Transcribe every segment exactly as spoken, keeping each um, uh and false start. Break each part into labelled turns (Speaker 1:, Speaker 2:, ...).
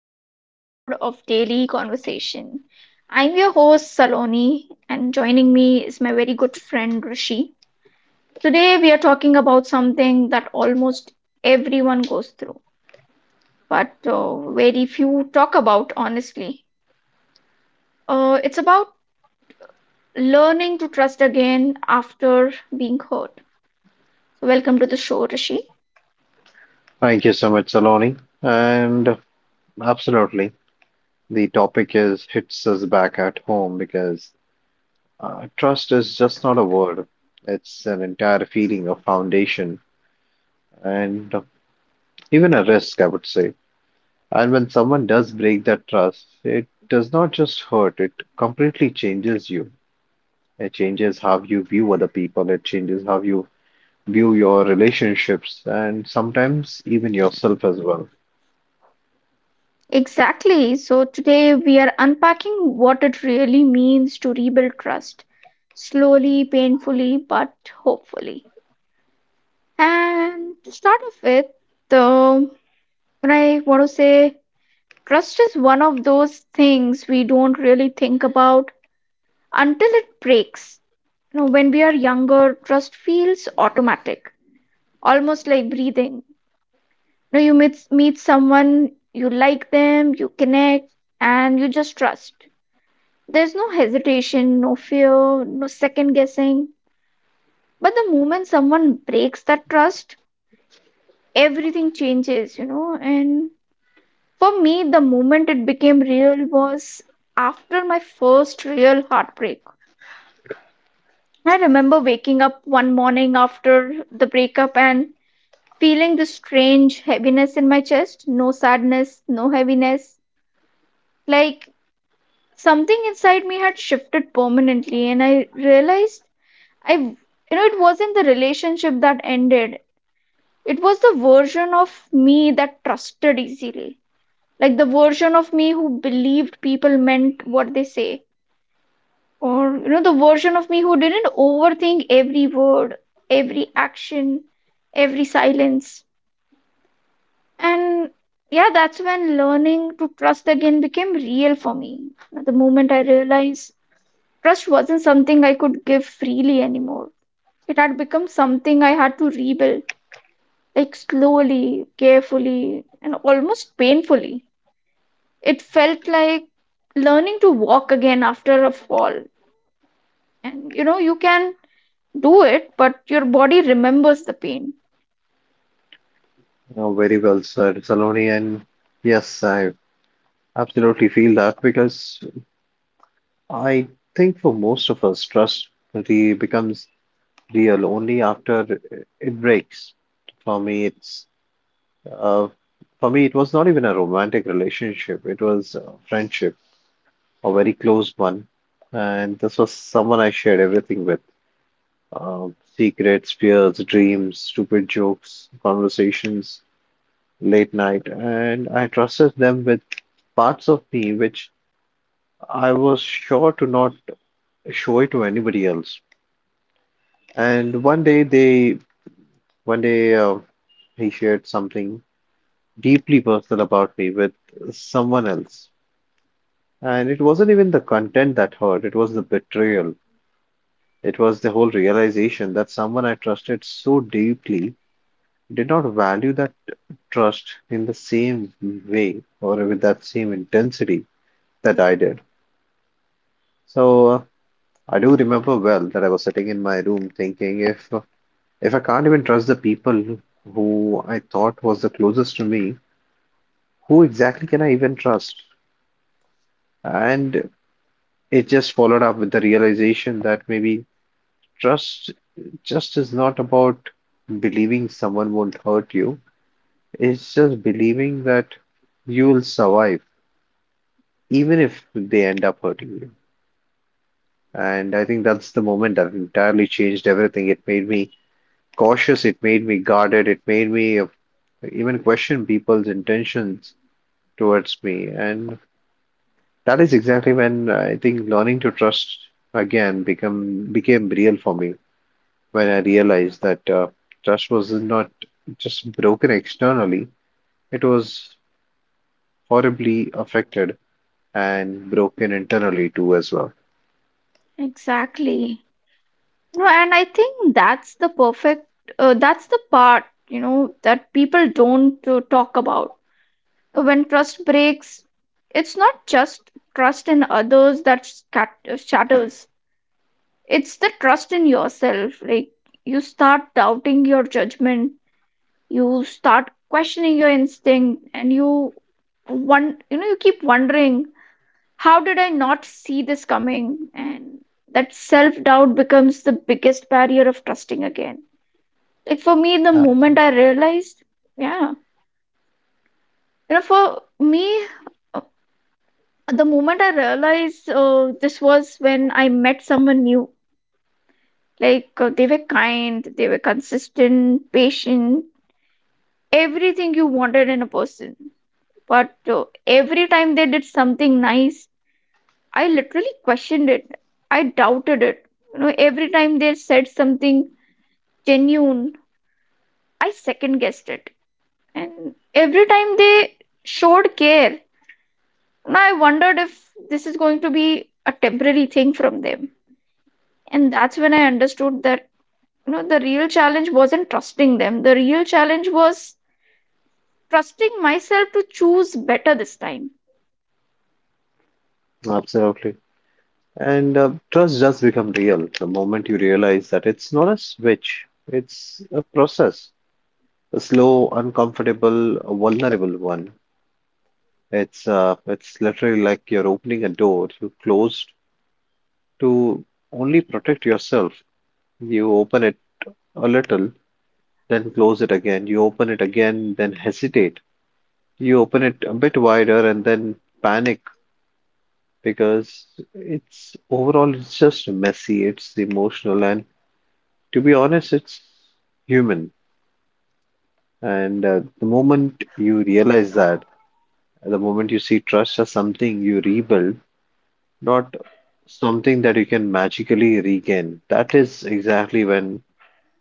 Speaker 1: another episode of Daily Conversation. I'm your host, Saloni, and joining me is my very good friend, Rishi. Today, we are talking about something that almost everyone goes through, but uh, very few talk about, honestly. Uh, it's about learning to trust again after being hurt. So, welcome to the show, Rishi.
Speaker 2: Thank you so much, Saloni. And absolutely, the topic is hits us back at home because uh, trust is just not a word. It's an entire feeling of foundation and even a risk, I would say. And when someone does break that trust, it does not just hurt, it completely changes you. It changes how you view other people, it changes how you view your relationships, and sometimes even yourself as well.
Speaker 1: Exactly. So today we are unpacking what it really means to rebuild trust, slowly, painfully, but hopefully. And to start off with, the what I want to say, trust is one of those things we don't really think about until it breaks. You know, when we are younger, trust feels automatic, almost like breathing. You know, you meet meet someone, you like them, you connect, and you just trust. There's no hesitation, no fear, no second guessing. But the moment someone breaks that trust, everything changes, you know. And for me, the moment it became real was after my first real heartbreak. I remember waking up one morning after the breakup and feeling this strange heaviness in my chest, no sadness, no heaviness. Like something inside me had shifted permanently, and I realized I, you know, it wasn't the relationship that ended. It was the version of me that trusted easily. Like the version of me who believed people meant what they say. Or, you know, the version of me who didn't overthink every word, every action, every silence. And yeah, that's when learning to trust again became real for me. At the moment I realized trust wasn't something I could give freely anymore, it had become something I had to rebuild, like slowly, carefully, and almost painfully. It felt like learning to walk again after a fall. And you know, you can do it, but your body remembers the pain.
Speaker 2: Oh, very well said, Saloni. And yes, I absolutely feel that because I think for most of us, trust really becomes real only after it breaks. For me, it's uh, for me, it was not even a romantic relationship. It was a friendship, a very close one, and this was someone I shared everything with. uh, secrets, fears, dreams, stupid jokes, conversations, late night, and I trusted them with parts of me which I was sure to not show it to anybody else. And one day they, one day uh, he shared something deeply personal about me with someone else. And it wasn't even the content that hurt, it was the betrayal. It was the whole realization that someone I trusted so deeply did not value that trust in the same way or with that same intensity that I did. So uh, I do remember well that I was sitting in my room thinking, if If I can't even trust the people who I thought was the closest to me, who exactly can I even trust? And it just followed up with the realization that maybe trust just is not about believing someone won't hurt you. It's just believing that you'll survive, even if they end up hurting you. And I think that's the moment that entirely changed everything. It made me cautious, it made me guarded, it made me, uh, even question people's intentions towards me. And that is exactly when, uh, I think learning to trust again become became real for me when I realized that uh, trust was not just broken externally, it was horribly affected and broken internally too as well.
Speaker 1: Exactly. No, and I think that's the perfect, uh, that's the part, you know, that people don't uh, talk about. When trust breaks, it's not just trust in others that scat- shatters, it's the trust in yourself. Like, you start doubting your judgment, you start questioning your instinct, and you one you know, you keep wondering, how did I not see this coming? And that self doubt becomes the biggest barrier of trusting again. Like for me, the moment I realized, yeah, you know, for me uh, the moment I realized uh, this was when I met someone new. Like uh, they were kind, they were consistent, patient, everything you wanted in a person. But uh, every time they did something nice, I literally questioned it. I doubted it. You know, every time they said something genuine, I second guessed it. And every time they showed care, you know, I wondered if this is going to be a temporary thing from them. And that's when I understood that, you know, the real challenge wasn't trusting them. The real challenge was trusting myself to choose better this time.
Speaker 2: Absolutely. And uh, trust does become real the moment you realize that it's not a switch, it's a process, a slow, uncomfortable, vulnerable one. It's uh, it's literally like you're opening a door you closed to only protect yourself. You open it a little, then close it again. You open it again, then hesitate. You open it a bit wider and then panic, because it's overall, it's just messy, it's emotional, and to be honest, it's human. And uh, the moment you realize that, the moment you see trust as something you rebuild, not something that you can magically regain. That is exactly when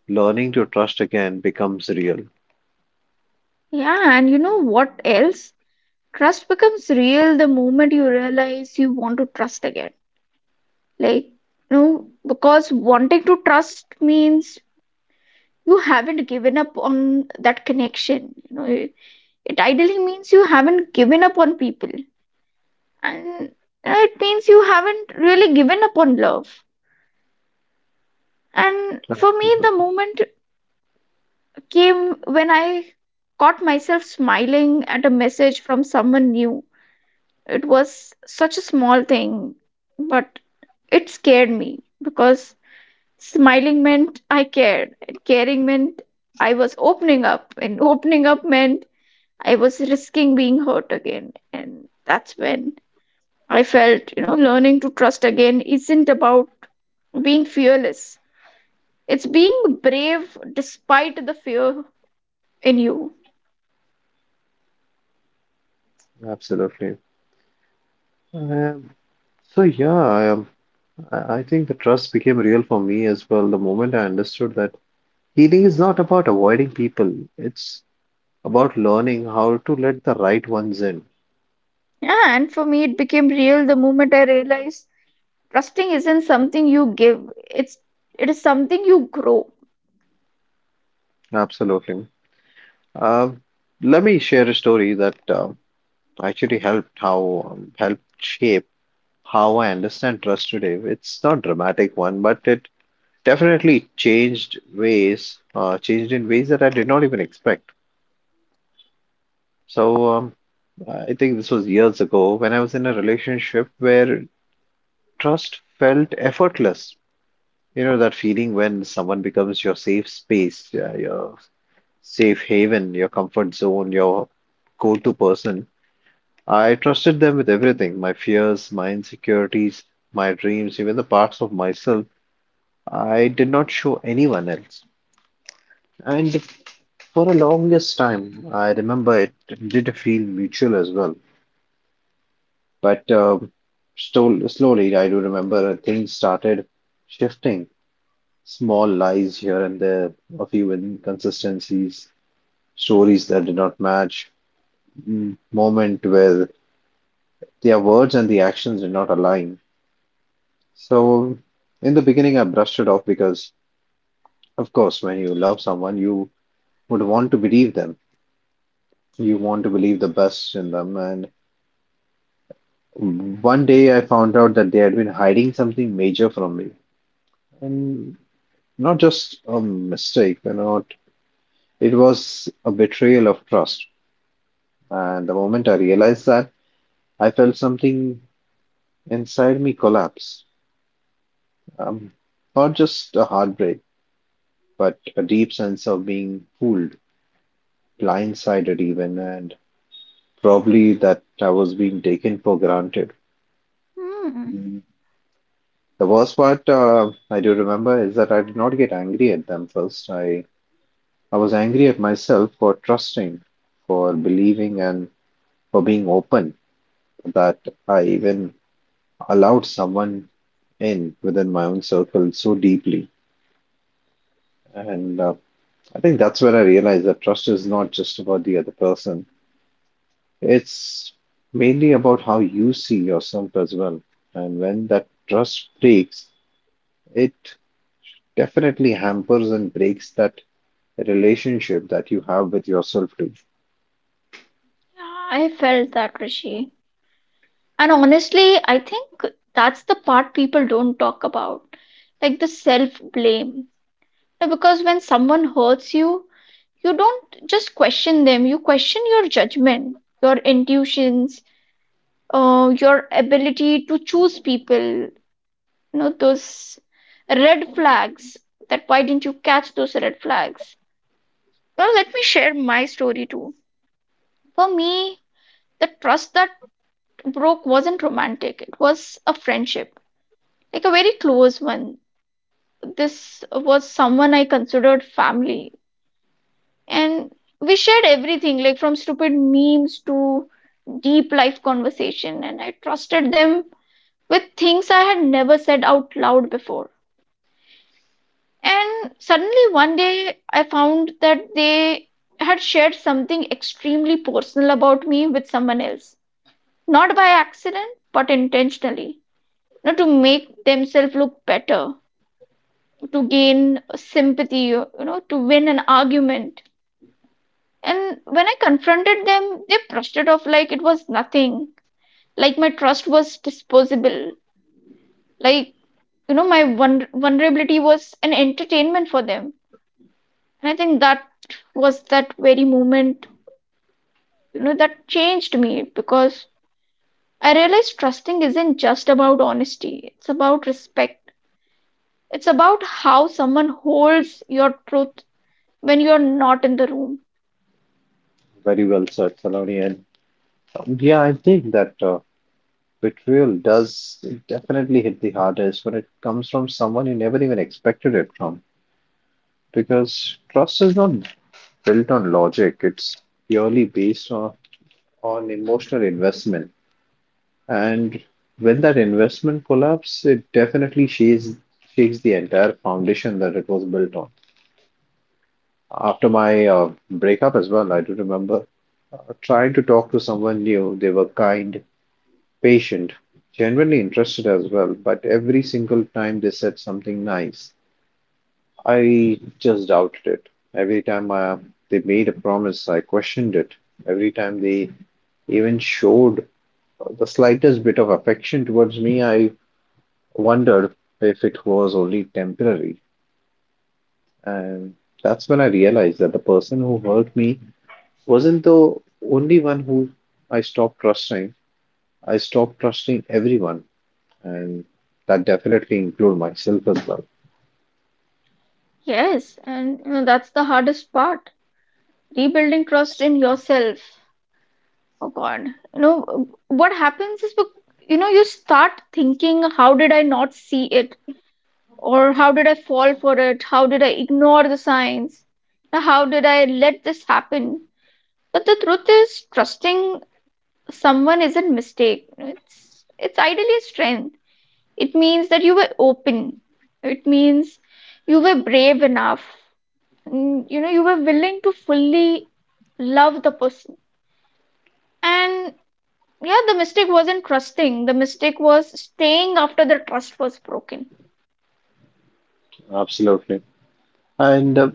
Speaker 2: learning to trust again becomes real.
Speaker 1: Yeah, and you know what else? Trust becomes real the moment you realize you want to trust again. Like, you know, because wanting to trust means you haven't given up on that connection. You know, it, it ideally means you haven't given up on people, and uh, it means you haven't really given up on love. And for me, the
Speaker 2: Absolutely,
Speaker 1: moment came when I caught myself smiling at a message from someone new. It was such a small thing, but it scared me because smiling meant I cared, and caring meant I was opening up, and opening up meant I was risking being hurt again. And that's when I felt, you know, learning to trust again isn't about being fearless, it's being brave despite the fear in you.
Speaker 2: absolutely. Um, so yeah, I, um, I I think the trust became real for me as well the moment I understood that healing is not about avoiding people. It's about learning how to let the right ones in.
Speaker 1: Yeah, and for me, it became real the moment I realized trusting isn't something you give, it's it is something you grow.
Speaker 2: Absolutely. Um, Let me share a story that uh, actually helped how um, helped shape how I understand trust today. It's not dramatic one, but it definitely changed ways, uh, changed in ways that I did not even expect. So um, I think this was years ago when I was in a relationship where trust felt effortless. You know, that feeling when someone becomes your safe space, yeah, your safe haven, your comfort zone, your go-to person. I trusted them with everything, my fears, my insecurities, my dreams, even the parts of myself I did not show anyone else. And for the longest time, I remember it did feel mutual as well. But um, stol- slowly, I do remember, uh, things started shifting. Small lies here and there, a few inconsistencies, stories that did not match, m- moment where their words and the actions did not align. So, in the beginning, I brushed it off because, of course, when you love someone, you would want to believe them. You want to believe the best in them. And one day I found out that they had been hiding something major from me. And not just a mistake, you know, it was a betrayal of trust. And the moment I realized that, I felt something inside me collapse. Um, not just a heartbreak, but a deep sense of being fooled, blindsided even, and probably that I was being taken for granted.
Speaker 1: Hmm.
Speaker 2: The worst part, uh, I do remember is that I did not get angry at them first. I, I was angry at myself for trusting, for believing, and for being open that I even allowed someone in within my own circle so deeply. And uh, I think that's when I realized that trust is not just about the other person, it's mainly about how you see yourself as well. And when that trust breaks, it definitely hampers and breaks that relationship that you have with yourself too.
Speaker 1: Yeah, I felt that, Rishi. And honestly, I think that's the part people don't talk about, like the self blame. Because when someone hurts you, you don't just question them, you question your judgment, your intuitions, uh, your ability to choose people, you know, those red flags. That why didn't you catch those red flags? Well, let me share my story too. For me, the trust that broke wasn't romantic, it was a friendship, like a very close one. This was someone I considered family, and we shared everything, like from stupid memes to deep life conversation, and I trusted them with things I had never said out loud before. And suddenly one day I found that they had shared something extremely personal about me with someone else. Not by accident, but intentionally. Not to make themselves look better, to gain sympathy, you know, to win an argument. And when I confronted them, they brushed it off like it was nothing, like my trust was disposable, like, you know, my vulner- vulnerability was an entertainment for them. And I think that was that very moment, you know, that changed me, because I realized trusting isn't just about honesty, it's about respect. It's about how someone holds your truth when you're not in the room.
Speaker 2: Very well said, Saloni. And um, yeah, I think that uh, betrayal does definitely hit the hardest when it comes from someone you never even expected it from. Because trust is not built on logic, it's purely based on, on emotional investment. And when that investment collapses, it definitely shakes, shakes the entire foundation that it was built on. After my uh, breakup as well, I do remember trying to talk to someone new. They were kind, patient, genuinely interested as well, but every single time they said something nice, I just doubted it. Every time uh, they made a promise, I questioned it. Every time they even showed the slightest bit of affection towards me, I wondered if it was only temporary. And that's when I realized that the person who hurt me wasn't the only one who I stopped trusting. I stopped trusting everyone, and that definitely include myself as well.
Speaker 1: Yes, and you know, that's the hardest part. Rebuilding trust in yourself. Oh God. You know, what happens is, you know, you start thinking, how did I not see it? Or how did I fall for it? How did I ignore the signs? Now, how did I let this happen? But the truth is, trusting someone isn't mistake. It's it's ideally strength. It means that you were open. It means you were brave enough. And, you know, you were willing to fully love the person. And yeah, the mistake wasn't trusting, the mistake was staying after the trust was broken.
Speaker 2: Absolutely. And uh,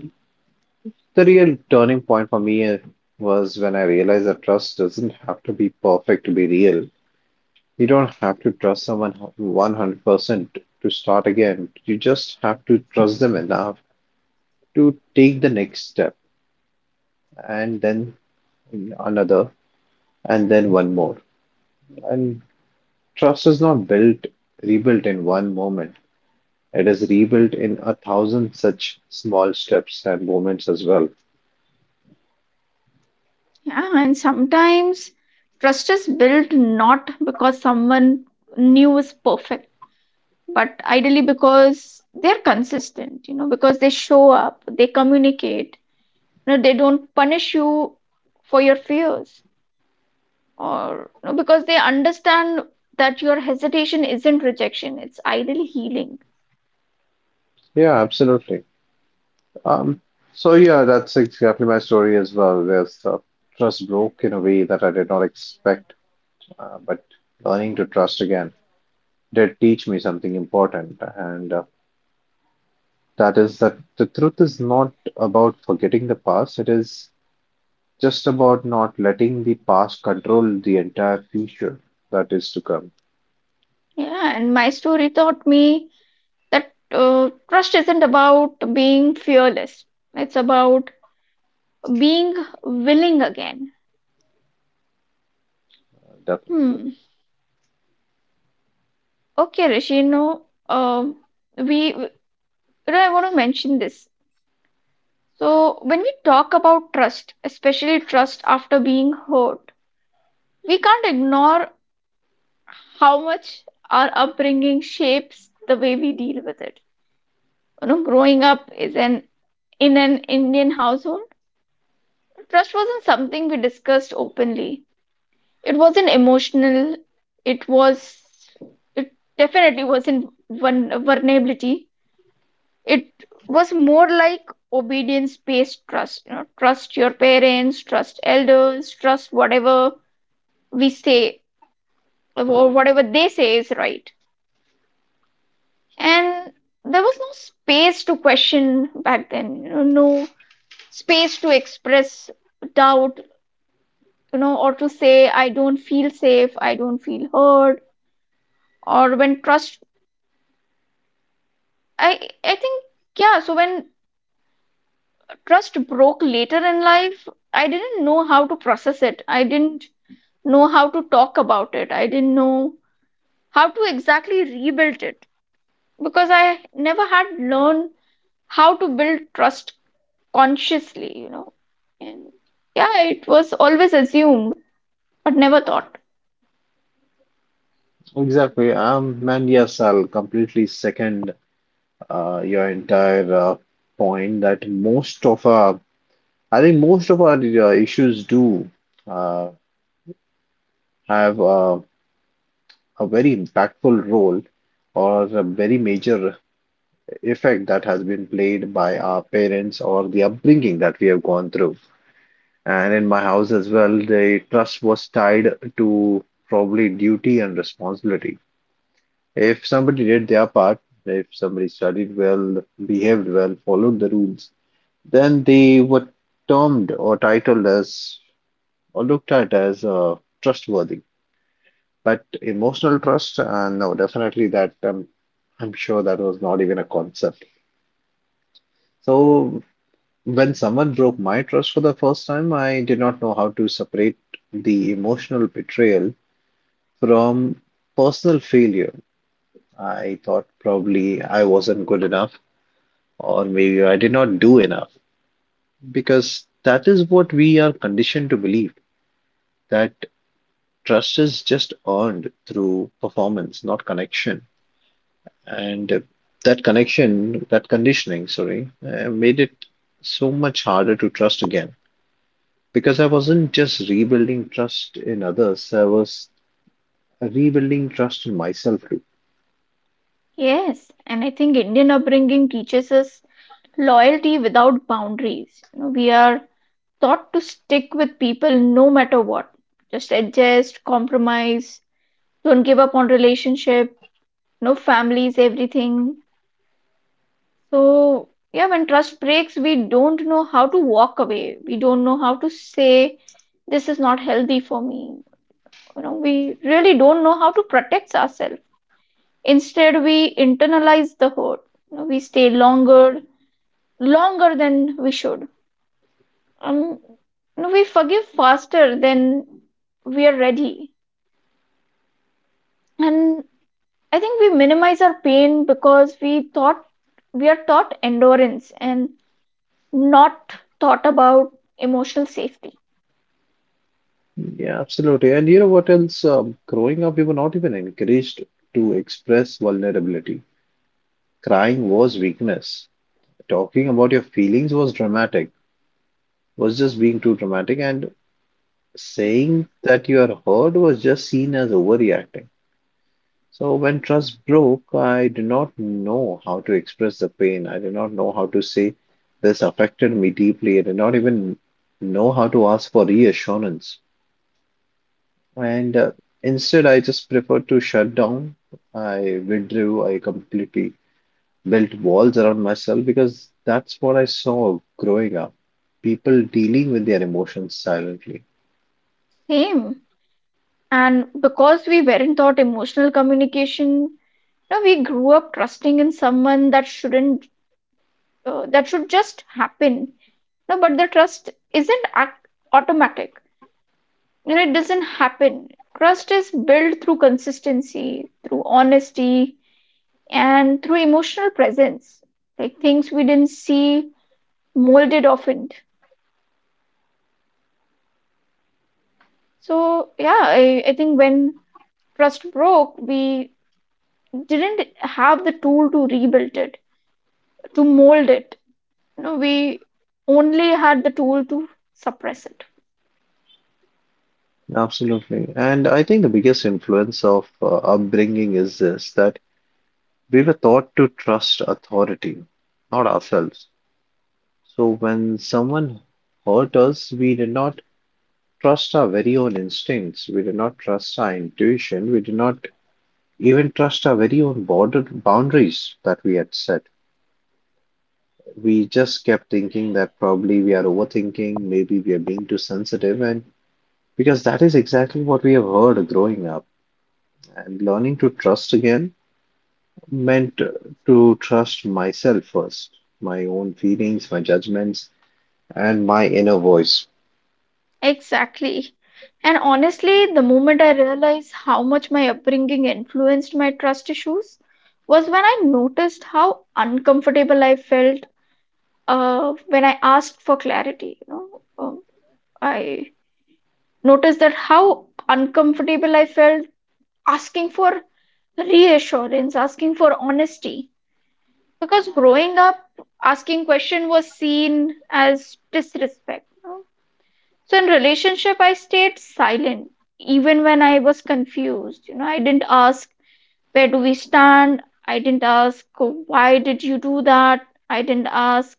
Speaker 2: the real turning point for me uh, was when I realized that trust doesn't have to be perfect to be real. You don't have to trust someone hu- one hundred percent to start again. You just have to trust them enough to take the next step, and then another, and then one more. And trust is not built, rebuilt in one moment. It is rebuilt in a thousand such small steps and moments as well.
Speaker 1: Yeah, and sometimes trust is built not because someone new is perfect, but ideally because they're consistent, you know, because they show up, they communicate, you know, they don't punish you for your fears. Or no, because they understand that your hesitation isn't rejection, it's ideally healing.
Speaker 2: Yeah, absolutely. Um, so yeah, that's exactly my story as well. There's, uh, trust broke in a way that I did not expect, uh, but learning to trust again did teach me something important, and uh, that is that the truth is not about forgetting the past. It is just about not letting the past control the entire future that is to come.
Speaker 1: Yeah, and my story taught me that uh, trust isn't about being fearless, it's about being willing again.
Speaker 2: uh, Definitely.
Speaker 1: Hmm. Okay, Rishi, no, um, we, you know, I want to mention this. So, when we talk about trust, especially trust after being hurt, we can't ignore how much our upbringing shapes the way we deal with it. You know, growing up is an in an Indian household, trust wasn't something we discussed openly. It wasn't emotional. It was it definitely wasn't vul- vulnerability. It was more like obedience-based trust. You know, trust your parents, trust elders, trust whatever we say, or whatever they say is right, and there was no space to question back then, you know, no space to express doubt, you know, or to say I don't feel safe, I don't feel heard. Or when trust I I think yeah so when trust broke later in life, I didn't know how to process it, I didn't know how to talk about it, I didn't know how to exactly rebuild it, because I never had learned how to build trust consciously, you know. And yeah, it was always assumed, but never thought.
Speaker 2: Exactly. Um, and yes, I'll completely second, uh, your entire, uh, point that most of our, I think most of our uh, issues do, uh, have, uh, a very impactful role or a very major effect that has been played by our parents or the upbringing that we have gone through. And in my house as well, the trust was tied to probably duty and responsibility. If somebody did their part, if somebody studied well, behaved well, followed the rules, then they were termed or titled as or looked at as, uh, trustworthy. But emotional trust, uh, no, definitely that, um, I'm sure that was not even a concept. So when someone broke my trust for the first time, I did not know how to separate the emotional betrayal from personal failure. I thought probably I wasn't good enough or maybe I did not do enough, because that is what we are conditioned to believe, that trust is just earned through performance, not connection. And uh, that connection, that conditioning, sorry, uh, made it so much harder to trust again, because I wasn't just rebuilding trust in others, I was rebuilding trust in myself too.
Speaker 1: Yes, and I think Indian upbringing teaches us loyalty without boundaries. You know, we are taught to stick with people no matter what. Just adjust, compromise, don't give up on relationship, no families, everything. So yeah, when trust breaks, we don't know how to walk away. We don't know how to say this is not healthy for me, you know, we really don't know how to protect ourselves. Instead we internalize the hurt. You know, we stay longer, longer than we should, um you know, we forgive faster than we are ready, and I think we minimize our pain, because we thought, we are taught endurance and not thought about emotional safety.
Speaker 2: Yeah, absolutely. And you know what else? Um, growing up, we were not even encouraged to express vulnerability. Crying was weakness. Talking about your feelings was dramatic, was just being too dramatic, and saying that you are hurt was just seen as overreacting. So when trust broke, I did not know how to express the pain. I did not know how to say this affected me deeply. I did not even know how to ask for reassurance. And uh, instead, I just preferred to shut down. I withdrew. I completely built walls around myself because that's what I saw growing up. People dealing with their emotions silently.
Speaker 1: Same. And because we weren't taught emotional communication, no, we grew up trusting in someone that shouldn't, uh, that should just happen. No, but the trust isn't ac- automatic, you know, it doesn't happen. Trust is built through consistency, through honesty, and through emotional presence, like things we didn't see molded often. So yeah, i, I think when trust broke, we didn't have the tool to rebuild it, to mold it, you know, we only had the tool to suppress it.
Speaker 2: Absolutely. And I think the biggest influence of uh, upbringing is this, that we were taught to trust authority, not ourselves. So when someone hurt us, we did not trust our very own instincts. We did not trust our intuition. We did not even trust our very own border boundaries that we had set. We just kept thinking that probably we are overthinking, maybe we are being too sensitive, and because that is exactly what we have heard growing up. And learning to trust again meant to trust myself first, my own feelings, my judgments, and my inner voice.
Speaker 1: Exactly. And honestly, the moment I realized how much my upbringing influenced my trust issues was when I noticed how uncomfortable I felt uh, when I asked for clarity. You know, Um, I noticed that how uncomfortable I felt asking for reassurance, asking for honesty. Because growing up, asking question was seen as disrespect. So in relationship, I stayed silent even when I was confused. You know, I didn't ask, where do we stand. I didn't ask, why did you do that. I didn't ask,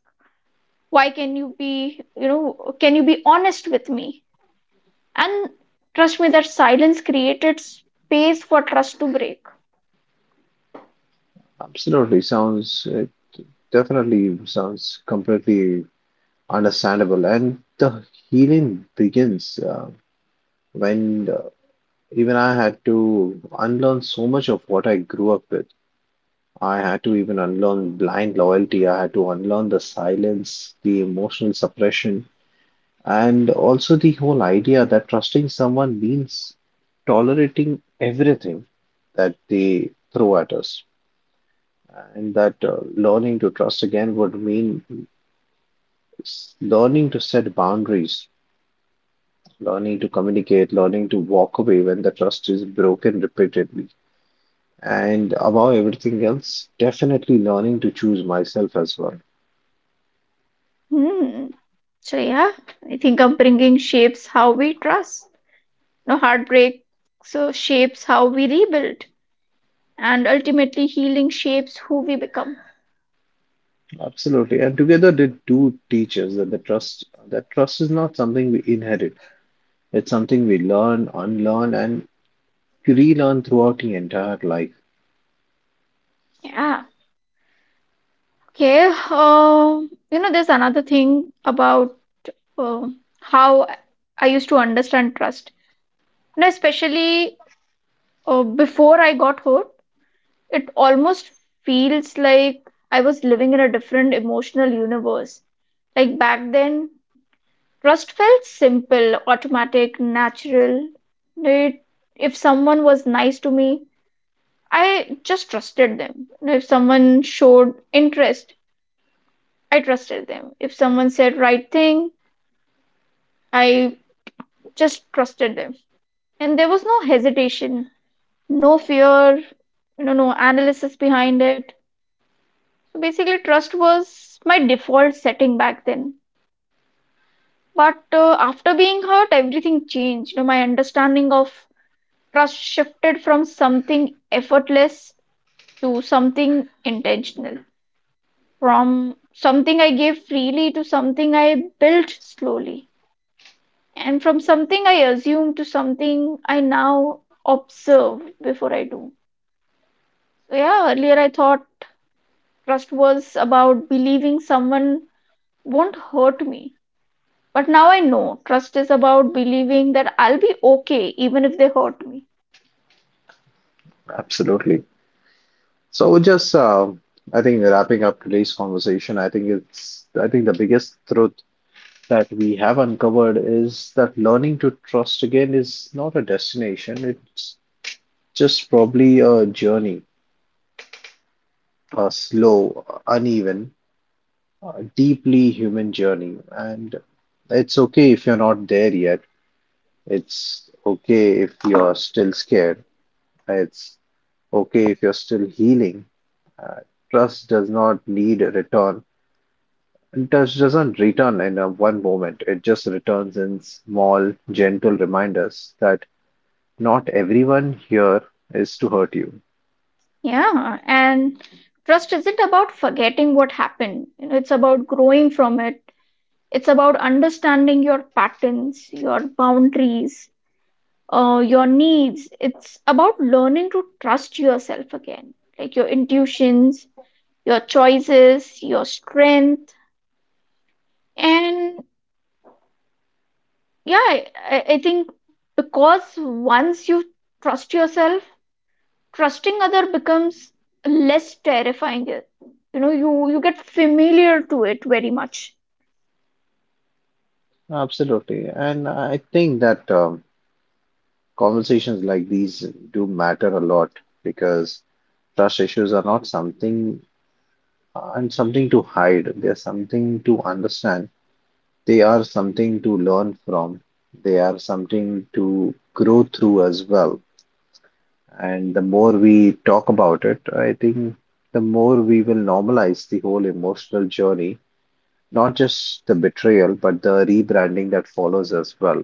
Speaker 1: why can you be, you know, can you be honest with me. And trust me, that silence created space for trust to break.
Speaker 2: Absolutely sounds, it definitely sounds completely understandable. And the healing begins, uh, when, uh, even I had to unlearn so much of what I grew up with. I had to even unlearn blind loyalty. I had to unlearn the silence, the emotional suppression, and also the whole idea that trusting someone means tolerating everything that they throw at us. And that uh, learning to trust again would mean s- learning to set boundaries, learning to communicate, learning to walk away when the trust is broken repeatedly. And above everything else, definitely learning to choose myself as well.
Speaker 1: Hmm. So yeah, I think upbringing shapes how we trust. No, heartbreak so shapes how we rebuild, and ultimately healing shapes who we become.
Speaker 2: Absolutely. And together they do teach us that the trust that trust is not something we inherit. It's something we learn, unlearn, and relearn throughout the entire life.
Speaker 1: Yeah. Okay. Um, you know, there's another thing about uh, how I used to understand trust. You know, especially uh, before I got hurt, it almost feels like I was living in a different emotional universe. Like back then, trust felt simple, automatic, natural. It, if someone was nice to me, I just trusted them. You know, if someone showed interest, I trusted them. If someone said right thing, I just trusted them. And there was no hesitation, no fear, you know, no analysis behind it. So basically trust was my default setting back then. But uh, after being hurt, everything changed. You know, my understanding of trust shifted from something effortless to something intentional, from something I gave freely to something I built slowly, and from something I assume to something I now observe before I do. So, yeah, earlier I thought trust was about believing someone won't hurt me. But now I know trust is about believing that I'll be okay even if they hurt me.
Speaker 2: Absolutely. So we're just, uh, I think wrapping up today's conversation, I think it's I think the biggest truth that we have uncovered is that learning to trust again is not a destination. It's just probably a journey, uh, slow, uneven, a deeply human journey. And it's okay if you're not there yet. It's okay if you're still scared. It's okay if you're still healing. Uh, Trust does not need a return. And trust doesn't return in a one moment. It just returns in small, gentle reminders that not everyone here is to hurt you.
Speaker 1: Yeah, and trust isn't about forgetting what happened, you know, it's about growing from it. It's about understanding your patterns, your boundaries, uh, your needs. It's about learning to trust yourself again, like your intuitions, your choices, your strength. And yeah, I, I I think because once you trust yourself, trusting other becomes less terrifying. It- You know, you, you get familiar to it very much.
Speaker 2: Absolutely. And I think that, um, Conversations like these do matter a lot because trust issues are not something and something to hide. They are something to understand. They are something to learn from. They are something to grow through as well. And the more we talk about it, I think the more we will normalize the whole emotional journey, not just the betrayal, but the rebranding that follows as well.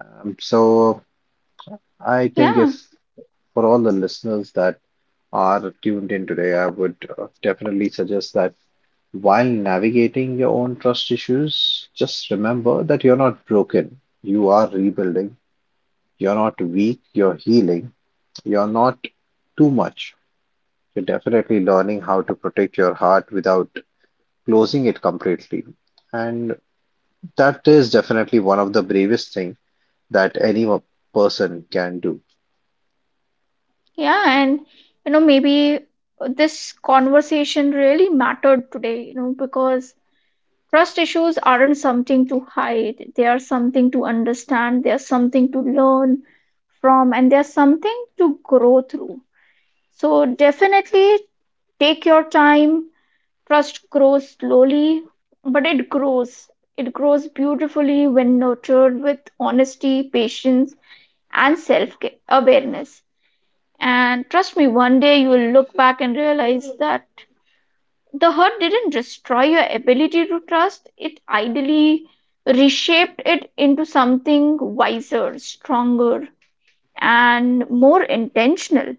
Speaker 2: Um, so I think
Speaker 1: Yeah,
Speaker 2: if for all the listeners that are tuned in today, I would uh, definitely suggest that while navigating your own trust issues, just remember that you're not broken. You are rebuilding. You're not weak. You're healing. You're not too much. You're definitely learning how to protect your heart without closing it completely. And that is definitely one of the bravest things that any o- person can do.
Speaker 1: yeah. And, you know, maybe this conversation really mattered today, you know, because trust issues aren't something to hide, they are something to understand, they are something to learn from, and they are something to grow through. So, definitely take your time. Trust grows slowly, but it grows. It grows beautifully when nurtured with honesty, patience, and self awareness. And trust me, one day you will look back and realize that the hurt didn't destroy your ability to trust, it ideally reshaped it into something wiser, stronger, and more intentional.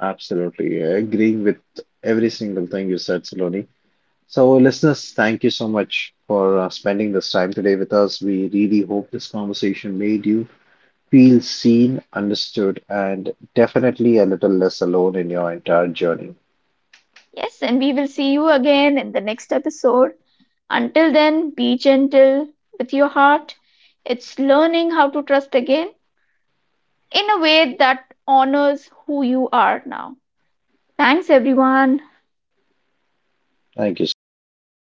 Speaker 2: Absolutely. Agreeing with every single thing you said, Saloni. So, listeners, thank you so much for uh, spending this time today with us. We really hope this conversation made you feel seen, understood, and definitely a little less alone in your entire journey.
Speaker 1: Yes, and we will see you again in the next episode. Until then, be gentle with your heart. It's learning how to trust again in a way that honors who you are now. Thanks, everyone.
Speaker 2: Thank you so much, everyone. Good day.